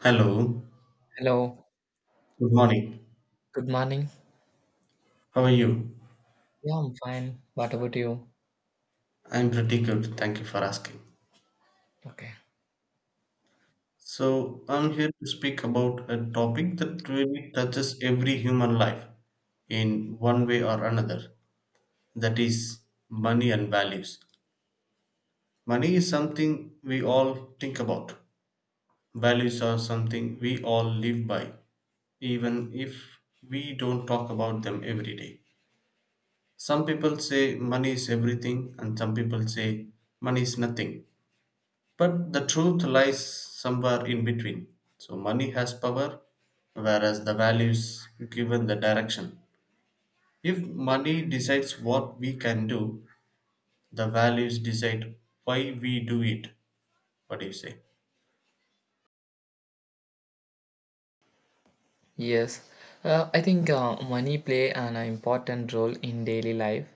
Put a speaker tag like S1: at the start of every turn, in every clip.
S1: Hello,
S2: Hello,
S1: good morning.
S2: good morning.
S1: How are you?
S2: Yeah, I'm fine. What about you?
S1: I'm pretty good. Thank you for asking.
S2: Okay.
S1: So, I'm here to speak about a topic that really touches every human life in one way or another. That is money and values. Money is something we all think about. Values are something we all live by, even if we don't talk about them every day. Some people say money is everything, and some people say money is nothing. But the truth lies somewhere in between. So money has power, whereas the values given the direction. If money decides what we can do, the values decide why we do it. What do you say?
S2: Yes. I think money play an important role in daily life.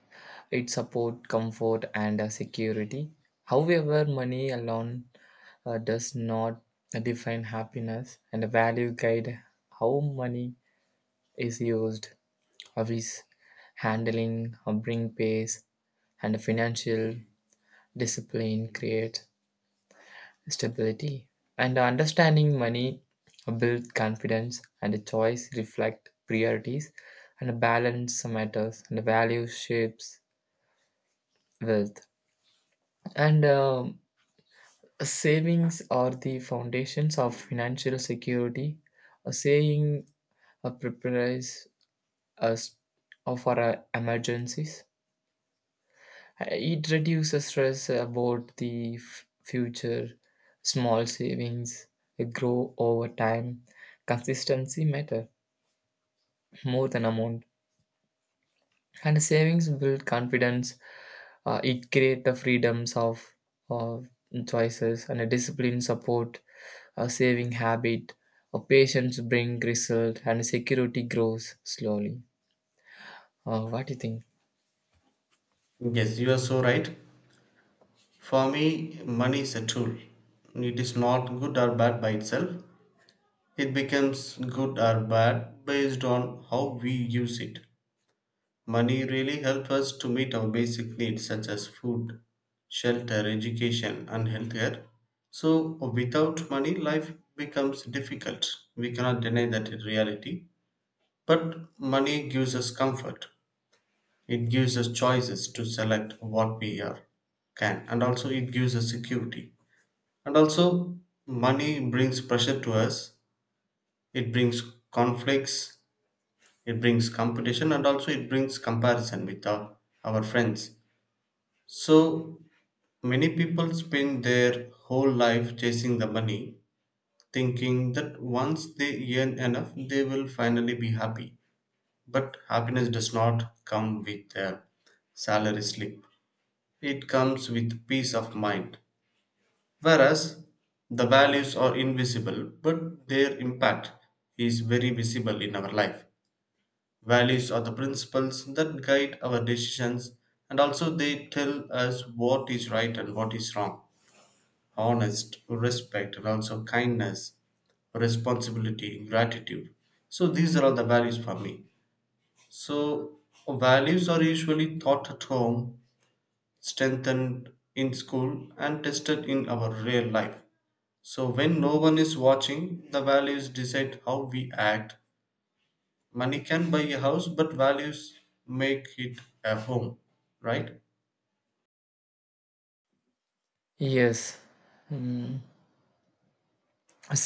S2: It support comfort and security. However, money alone does not define happiness, and value guide how money is used, of how is handling, how bring pace, and financial discipline create stability. And understanding money builds confidence, and a choice reflect priorities, and a balance matters, and value shapes wealth. And Savings are the foundations of financial security. A saving prepares us for emergencies. It reduces stress about the future. Small savings grow over time. Consistency matter more than amount. And savings build confidence. It create the freedoms of choices, and a discipline support a saving habit. A patience bring result and security grows slowly. What do you think?
S1: Yes, you are so right. For me, money is a tool. It is not good or bad by itself. It becomes good or bad based on how we use it. Money really helps us to meet our basic needs such as food, shelter, education, and healthcare. So, without money, life becomes difficult. We cannot deny that in reality. But money gives us comfort, it gives us choices to select what we are, can, and also it gives us security. And also, money brings pressure to us, it brings conflicts, it brings competition, and also it brings comparison with our friends. So many people spend their whole life chasing the money, thinking that once they earn enough, they will finally be happy. But happiness does not come with a salary slip, it comes with peace of mind. Whereas the values are invisible, but their impact is very visible in our life. Values are the principles that guide our decisions, and also they tell us what is right and what is wrong: honest, respect, and also kindness, responsibility, gratitude. So these are all the values for me. So values are usually taught at home, strengthened in school, and tested in our real life. So when no one is watching, the values decide how we act. Money can buy a house, but values make it a home, right?
S2: Yes. Mm.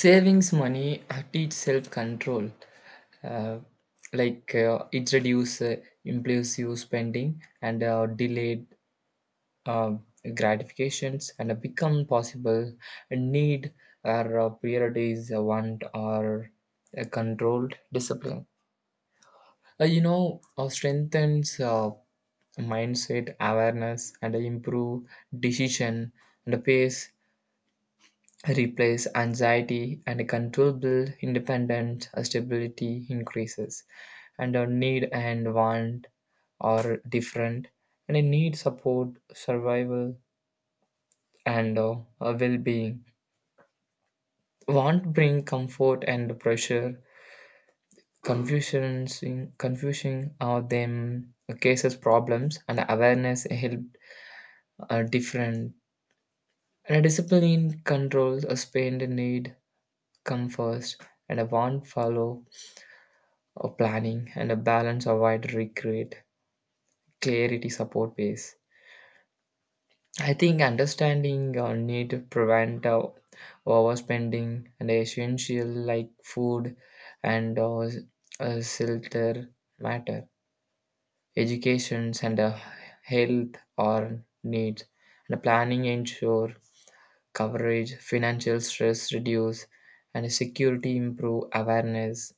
S2: Savings money teach self-control, uh, like it reduce impulsive spending, and delayed uh, gratifications, and become possible need, or priorities, want, or controlled discipline, strengthens mindset awareness, and improve decision, and pace replace anxiety, and controllable independent stability increases, and our need and want are different, and a need support survival and a well-being. Want bring comfort and pressure. Confusions in confusion are them cases problems, and awareness help are different, and a discipline controls a spend, and need come first, and a want follow. Planning and a balance avoid regret. Clarity support base. I think understanding need to prevent overspending, and essential like food and shelter matter. Educations and health are needs, and planning ensure coverage. Financial stress reduce and security improve. Awareness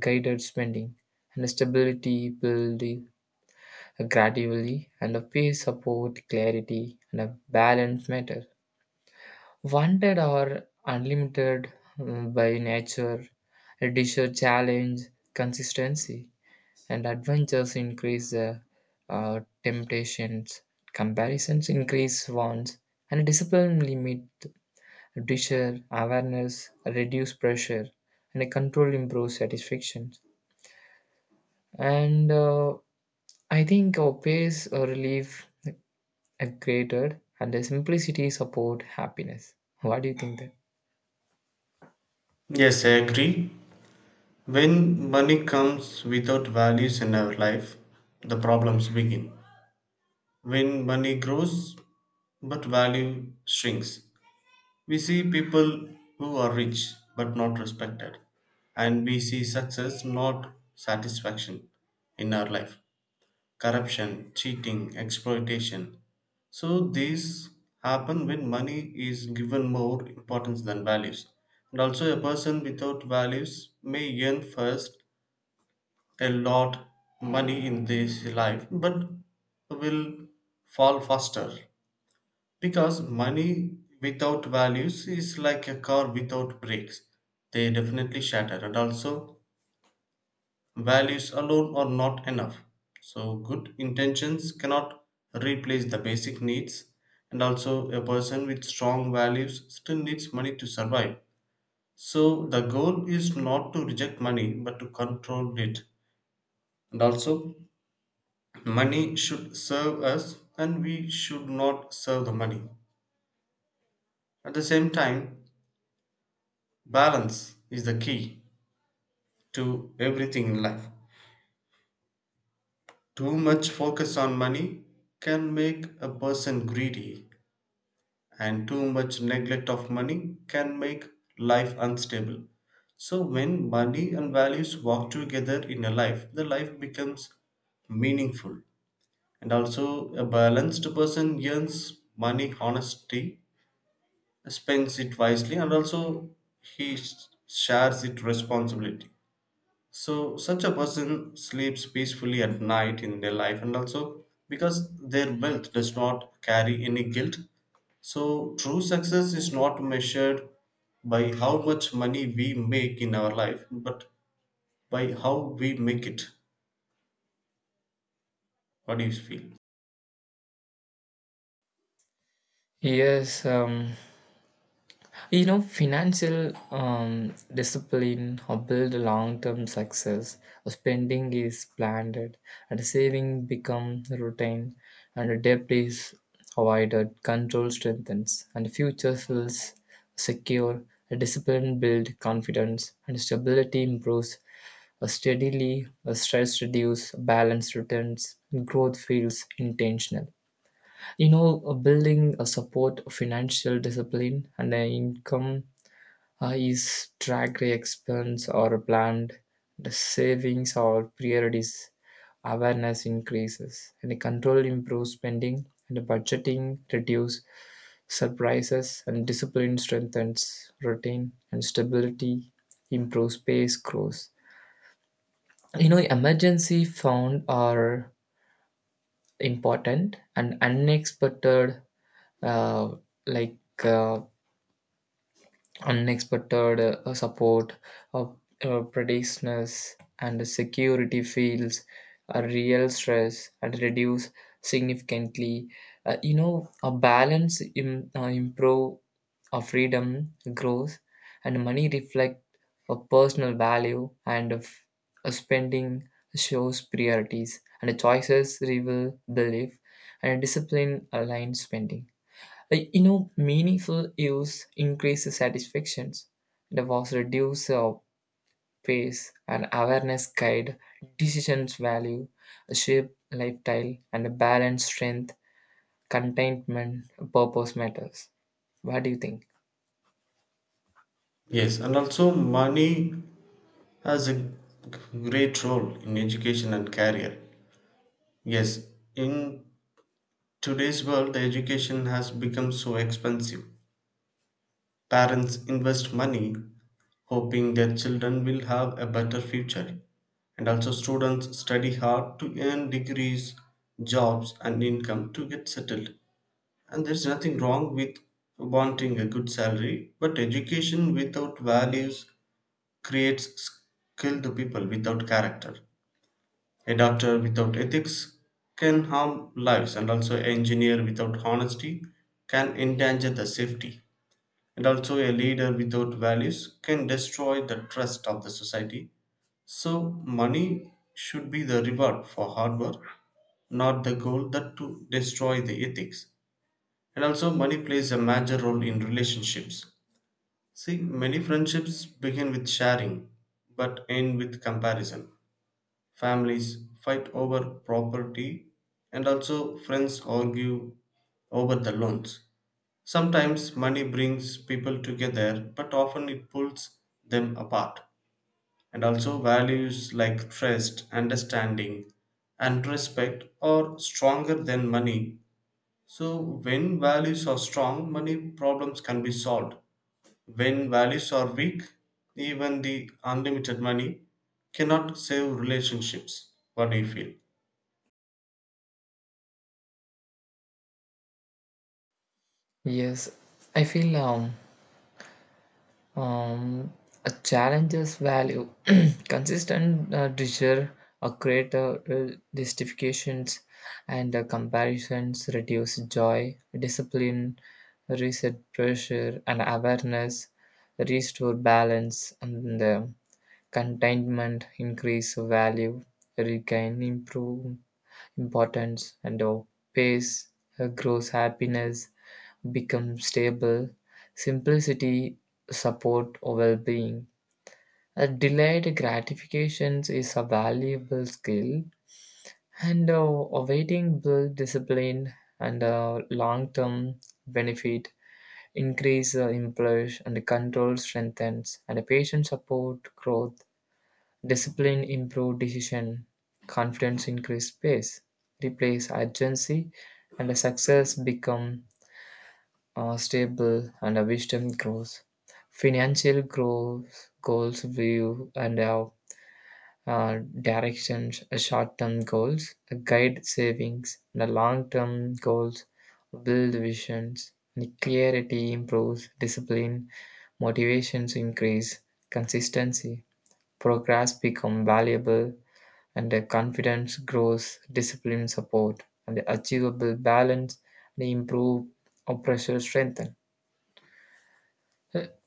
S2: guided spending, and stability build gradually, and a peace, support, clarity, and a balanced matter. Wanted or unlimited, mm, by nature, a desire challenge, consistency, and adventures increase the temptations, comparisons increase wants, and discipline limit desire, awareness, reduce pressure, and a control improves satisfaction. And I think our pace or relief and created, and the simplicity support happiness. What do you think that?
S1: Yes, I agree. When money comes without values in our life, the problems begin. When money grows but value shrinks, we see people who are rich but not respected, and we see success not satisfaction in our life. Corruption, cheating, exploitation. So these happen when money is given more importance than values. And also, a person without values may yearn first a lot money in this life but will fall faster because money without values is like a car without brakes. They definitely shatter. And also values alone are not enough, so good intentions cannot replace the basic needs, and also a person with strong values still needs money to survive. So the goal is not to reject money but to control it. And also money should serve us and we should not serve the money. At the same time, balance is the key to everything in life. Too much focus on money can make a person greedy, and too much neglect of money can make life unstable. So, when money and values walk together in a life, the life becomes meaningful. And also, a balanced person earns money honesty, spends it wisely, and also he sh- shares it responsibility. So such a person sleeps peacefully at night in their life, and also because their wealth does not carry any guilt. So true success is not measured by how much money we make in our life, but by how we make it. What do you feel?
S2: Yes. You know, financial discipline or build long term success. Spending is planned, and saving become routine, and debt is avoided. Control strengthens, and future feels secure. Discipline build confidence, and stability improves. Steadily, stress reduce. Balance returns, and growth feels intentional. Building a support financial discipline and an income, is track expense or planned, the savings or priorities, awareness increases, and the control improves spending, and the budgeting reduce surprises, and discipline strengthens routine, and stability improves space growth. You know, emergency fund are important and unexpected, uh, like uh, unexpected support of practitioners and security fields a real stress and reduce significantly. You know, a balance improve a freedom growth, and money reflect a personal value, and of a spending shows priorities, and the choices reveal the life, and discipline aligned spending, meaningful use increases satisfactions. The was reduce of pace, and awareness guide decisions value, shape lifestyle, and balance strength, contentment, purpose matters. What do you think?
S1: Yes, and also money has great role in education and career. Yes, in today's world education has become so expensive. Parents invest money hoping their children will have a better future, and also students study hard to earn degrees, jobs, and income to get settled. And there's nothing wrong with wanting a good salary, but education without values creates skilled people without character. A doctor without ethics can harm lives, and also an engineer without honesty can endanger the safety. And also, a leader without values can destroy the trust of the society. So, money should be the reward for hard work, not the goal that to destroy the ethics. And also, money plays a major role in relationships. See, many friendships begin with sharing but end with comparison. Families fight over property, and also friends argue over the loans. Sometimes money brings people together, but often it pulls them apart. And also, values like trust, understanding, and respect are stronger than money. So, when values are strong, money problems can be solved. When values are weak, even the unlimited money cannot save relationships. What do you feel?
S2: Yes, I feel Um, a challenge's value. Consistent desire, a greater justifications, and comparisons reduce joy, discipline, reset pressure, and awareness, restore balance, and contentment, increase value, regain, improve importance, and pace, grows happiness, become stable, simplicity support well-being. A delayed gratifications is a valuable skill, and awaiting build discipline, and long-term benefit increase employees, and control strengthens, and patient support growth. Discipline improve decision, confidence increase pace, replace urgency, and success become stable, and a wisdom grows. Financial growth goals view and have directions. Short-term goals guide savings, and the long-term goals build visions. The clarity improves, discipline, motivations increase, consistency, progress become valuable, and the confidence grows. Discipline support, and the achievable balance and improve or pressure strengthen.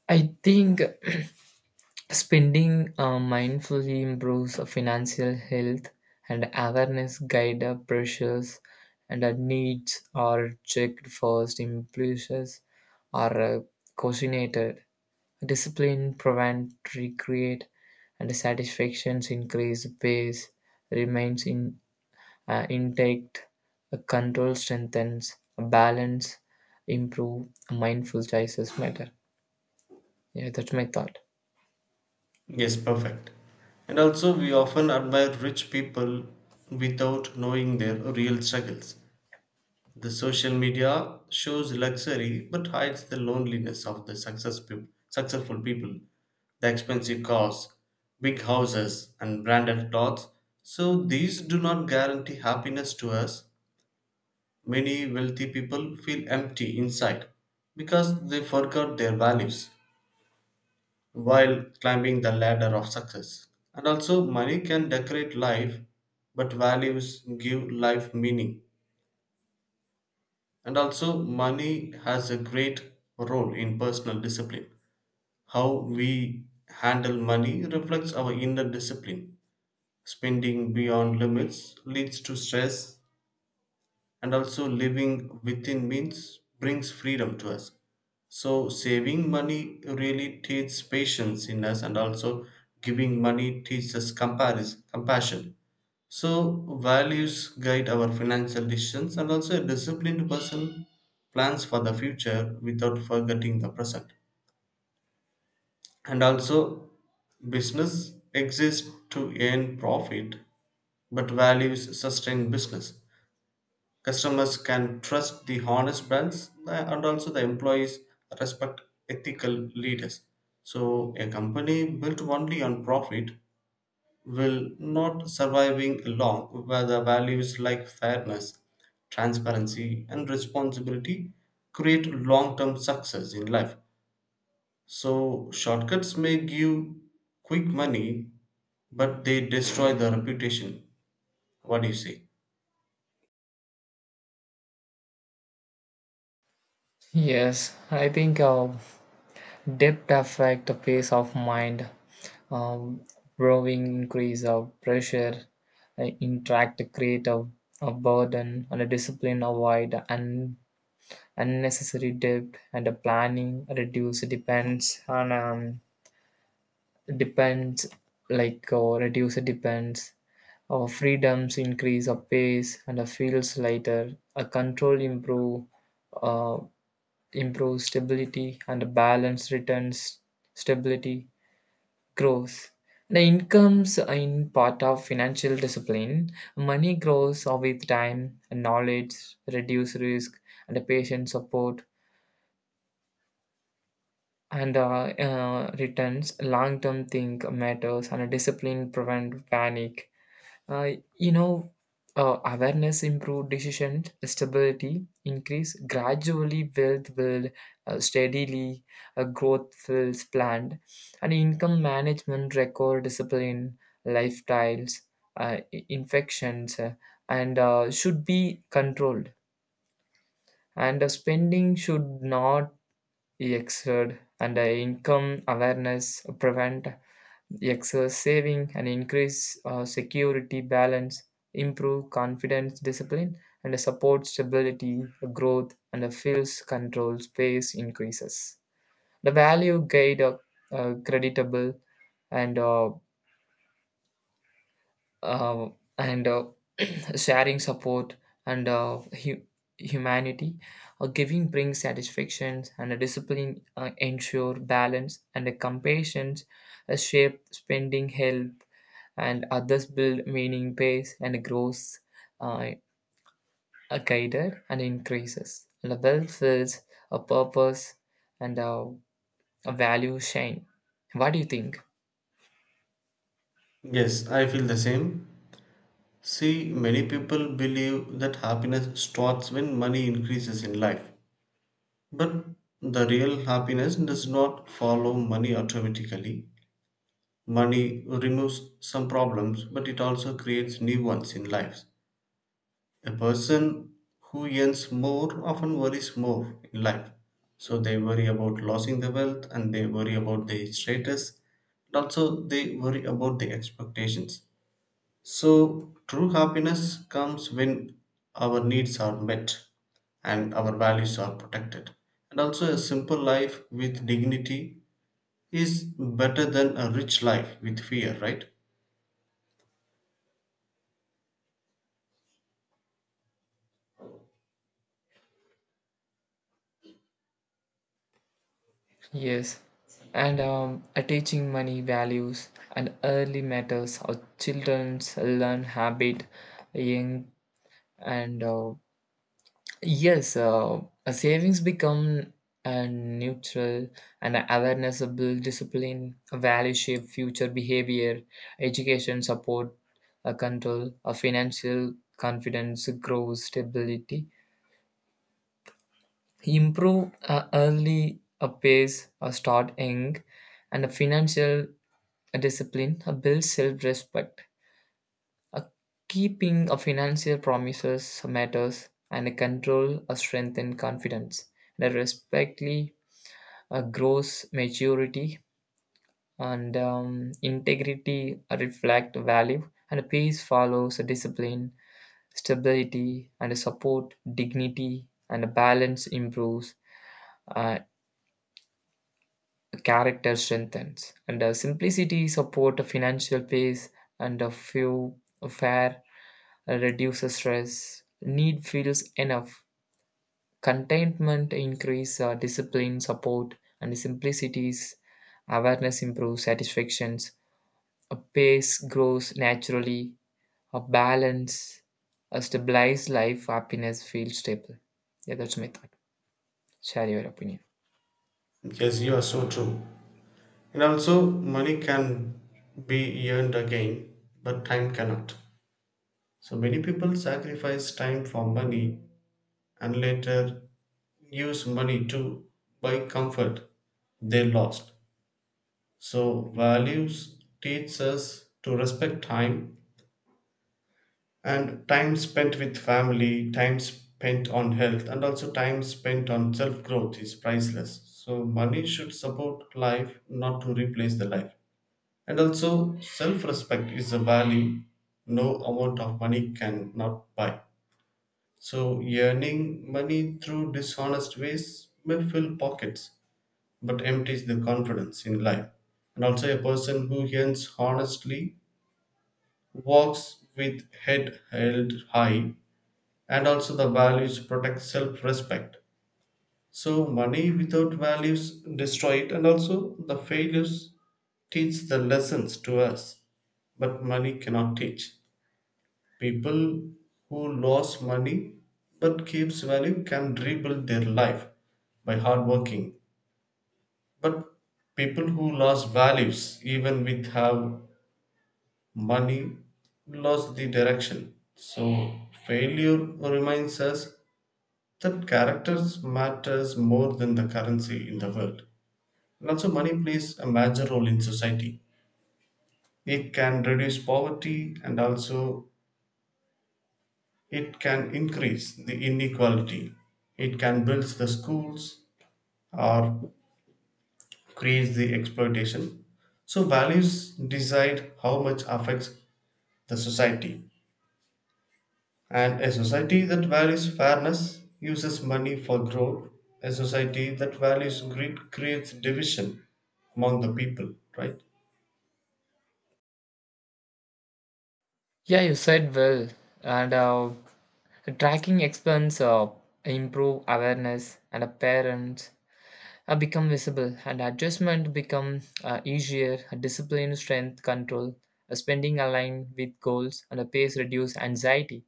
S2: I think spending mindfully improves financial health, and awareness guide our pressures, and our needs are checked first. Impulses are cautionated, discipline prevent recreate, and satisfactions increase pace remains in intact, control strengthens, balance improve, mindful choices matter. Yeah, that's my thought.
S1: Yes, perfect. And also, we often admire rich people without knowing their real struggles. The social media shows luxury but hides the loneliness of the successful people, the expensive cars, big houses, and branded clothes. So, these do not guarantee happiness to us. Many wealthy people feel empty inside because they forgot their values while climbing the ladder of success. And also, money can decorate life, but values give life meaning. And also, money has a great role in personal discipline. How we handle money reflects our inner discipline. Spending beyond limits leads to stress, and also living within means brings freedom to us. So, saving money really teaches patience in us, and also giving money teaches compassion. So, values guide our financial decisions, and also a disciplined person plans for the future without forgetting the present. And also, business exists to earn profit, but values sustain business. Customers can trust the honest brands, and also the employees respect ethical leaders. So a company built only on profit will not surviving long, where the values like fairness, transparency and responsibility create long-term success in life. So shortcuts may give quick money, but they destroy the reputation. What do you say?
S2: Yes, I think depth affect the peace of mind. um, Growing increase of pressure, interact create a burden, and a discipline avoid unnecessary debt, and a planning reduce depends on depends like reduce depends or freedoms, increase of pace and feels lighter. A control improve. Uh, Improves stability, and balance returns stability growth. The incomes in part of financial discipline money grows with time. Knowledge reduce risk and patient support, and returns long-term think matters, and discipline prevent panic. Uh, you know, Awareness improve decision stability, increase gradually, wealth build steadily, growth feels planned, and income management record discipline, lifestyles, infections, and should be controlled. And spending should not exceed, and income awareness prevent excess saving, and increase security. Balance improve confidence discipline and support stability growth, and fills control space increases the value guide of creditable, and uh, uh, and sharing support, and hu- humanity. Giving brings satisfaction, and a discipline ensure balance, and a compassion a shape spending help and others build meaning base, and grows uh, guided and increases. And the wealth fills a purpose, and a value shine. What do you think?
S1: Yes, I feel the same. See, many people believe that happiness starts when money increases in life. But the real happiness does not follow money automatically. Money removes some problems, but it also creates new ones in life. A person who earns more often worries more in life. So they worry about losing the wealth, and they worry about their status. And also, they worry about their expectations. So, true happiness comes when our needs are met and our values are protected. And also, a simple life with dignity is better than a rich life with fear, right?
S2: Yes. And teaching money values and early matters, or children's learn habit young, and yes, a savings become a neutral and a awarenessable discipline, a value shape, future behavior, education support, a control, a financial confidence, growth, stability, improve early, a pace, a start young, and a financial discipline, a build self-respect. Uh, Keeping a financial promises matters, and a control a strength and confidence. And a respectly grows maturity, and integrity reflect value, and a peace follows a discipline, stability, and a support dignity, and a balance improves. Uh, Character strengthens, and simplicity support financial peace, and a few fair reduces stress. Need feels enough. Contentment increase discipline support and simplicities. Awareness improves satisfactions. A pace grows naturally. A balance, a stabilized life, happiness feels stable. Yeah, that's my thought. Share your opinion.
S1: Yes, you are so true. And also, money can be earned again, but time cannot. So, many people sacrifice time for money and later use money to buy comfort they lost. So, values teach us to respect time, and time spent with family, time spent on health, and also time spent on self growth is priceless. So, money should support life, not to replace the life. And also, self respect is a value no amount of money can not buy. So, earning money through dishonest ways may fill pockets but empties the confidence in life. And also, a person who earns honestly walks with head held high, and also the values protect self-respect. So money without values destroy it. And also the failures teach the lessons to us, but money cannot teach. People who lost money but keeps value can rebuild their life by hard working, but people who lost values even with have money lost the direction. So failure reminds us that characters matters more than the currency in the world. And also money plays a major role in society. It can reduce poverty, and also it can increase the inequality. It can build the schools or create the exploitation. So values decide how much affects the society. And a society that values fairness uses money for growth. A society that values greed creates division among the people, right?
S2: Yeah, you said well. And Tracking expense improve awareness, and parents become visible, and adjustment become easier. Discipline, strength, control, spending aligned with goals, and a pace reduce anxiety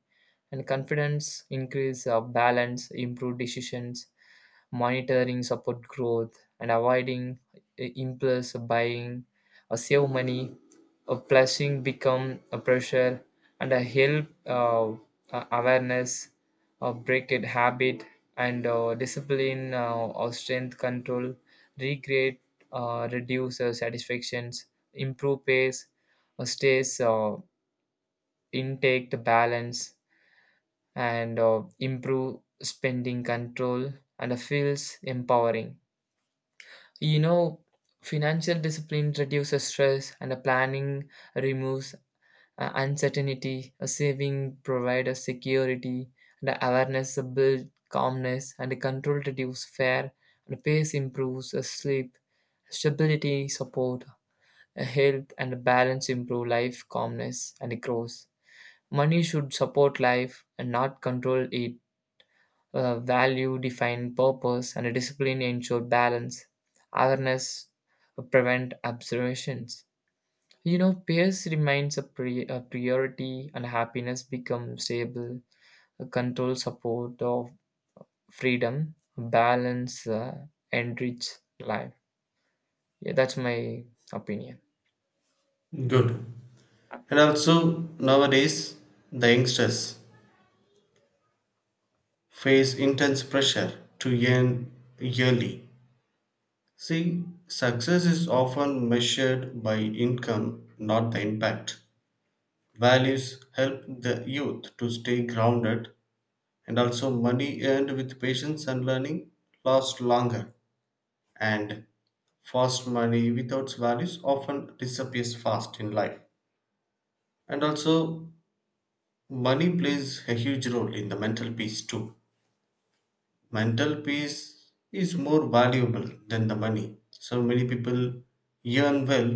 S2: and confidence increase balance, improve decisions monitoring support growth, and avoiding impulse buying save money. Plushing become a pressure, and a help awareness break it habit, and discipline or strength control recreate, reduce satisfactions, improve pace stays intake the balance, and improve spending control, and feels empowering. You know, financial discipline reduces stress, and a planning removes uncertainty, a saving provides a security, and a awareness builds calmness, and a control reduces fear, and pace improves a sleep, stability support, a health, and a balance improve life calmness and growth. Money should support life and not control it. Value define purpose, and discipline ensure balance. Awareness prevent observations. You know, peers remains a priority, and happiness becomes stable. A control support of freedom, balance, enrich life. Yeah, that's my opinion.
S1: Good. And also, nowadays, the youngsters face intense pressure to earn yearly. See, success is often measured by income, not the impact. Values help the youth to stay grounded, and also money earned with patience and learning lasts longer, and fast money without values often disappears fast in life. And also money plays a huge role in the mental peace too. Mental peace is more valuable than the money. So many people earn well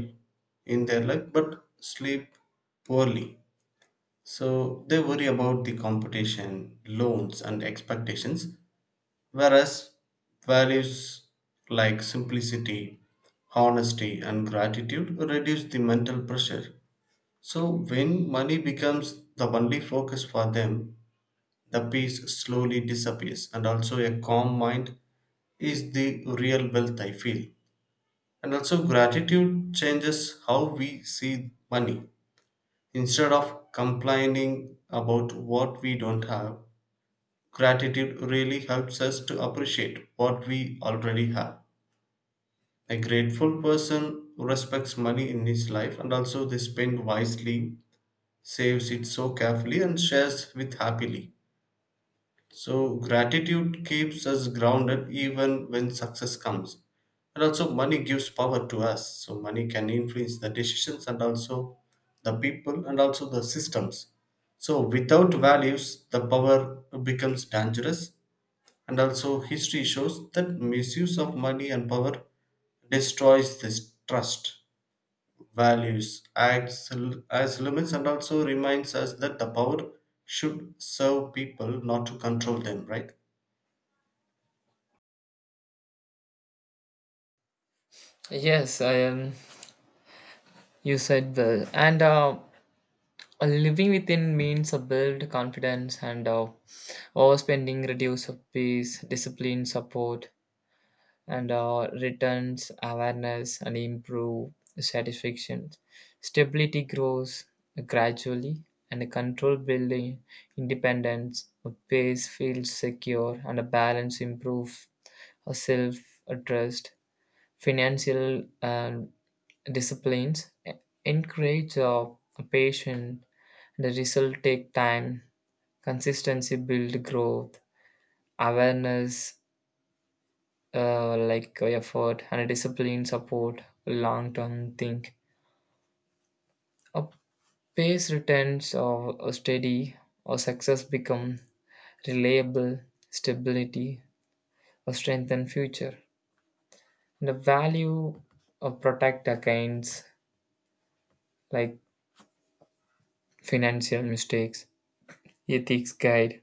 S1: in their life but sleep poorly. So they worry about the competition, loans, and expectations. Whereas values like simplicity, honesty, and gratitude reduce the mental pressure. So, when money becomes the only focus for them, the peace slowly disappears, and also a calm mind is the real wealth, I feel. And also, gratitude changes how we see money. Instead of complaining about what we don't have, gratitude really helps us to appreciate what we already have. A grateful person respects money in his life, and also they spend wisely, saves it so carefully, and shares with happily. So, gratitude keeps us grounded even when success comes. And also, money gives power to us. So, money can influence the decisions, and also the people, and also the systems. So, without values, the power becomes dangerous. And also, history shows that misuse of money and power destroys this trust. Values acts as limits, and also reminds us that the power should serve people, not to control them, right?
S2: Yes, I am. You said well. And Living within means a build confidence, and overspending reduce of peace, discipline, support, and returns awareness and improve satisfaction. Stability grows gradually, and control building independence. A pace feels secure, and a balance improve a self trust. Financial disciplines encourage patience. The result take time. Consistency build growth. Awareness, effort and discipline support long term think. A pace returns or a steady or success become reliable stability or strengthen future. The value of protect against like financial mistakes ethics guide,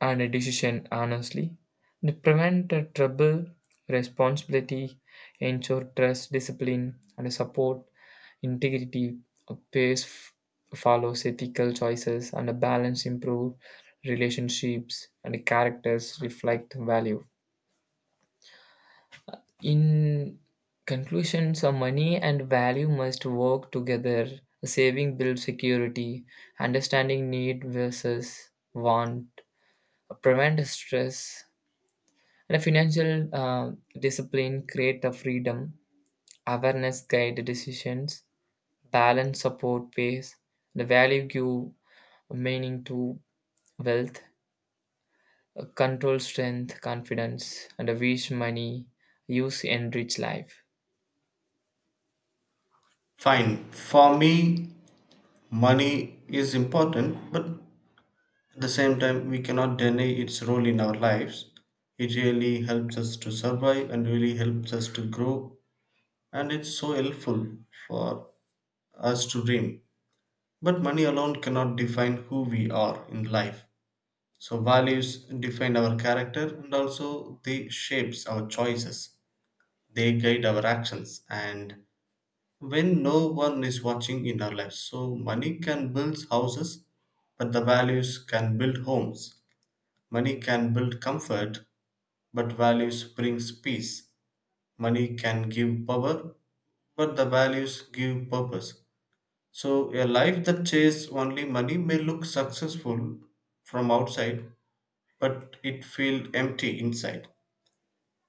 S2: and a decision honestly. They prevent trouble, responsibility, ensure trust, discipline, and support integrity. A pace follows ethical choices, and a balance improve relationships, and characters reflect value. In conclusion, so money and value must work together. Saving builds security, understanding need versus want, prevent stress, and financial discipline create the freedom. Awareness guide the decisions, balance support base, the value give meaning to wealth, control strength confidence, and a wish money use enrich life.
S1: Fine. For me money is important, but at the same time we cannot deny its role in our lives. It really helps us to survive and really helps us to grow, and it's so helpful for us to dream. But money alone cannot define who we are in life. So values define our character, and also they shapes our choices. They guide our actions and when no one is watching in our lives. So money can build houses, but the values can build homes. Money can build comfort, but values brings peace. Money can give power, but the values give purpose. So a life that chases only money may look successful from outside, but it feels empty inside.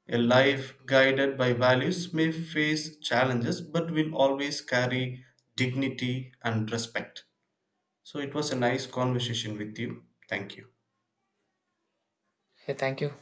S1: A life guided by values may face challenges but will always carry dignity and respect. So it was a nice conversation with you. Thank you.
S2: Yeah, thank you.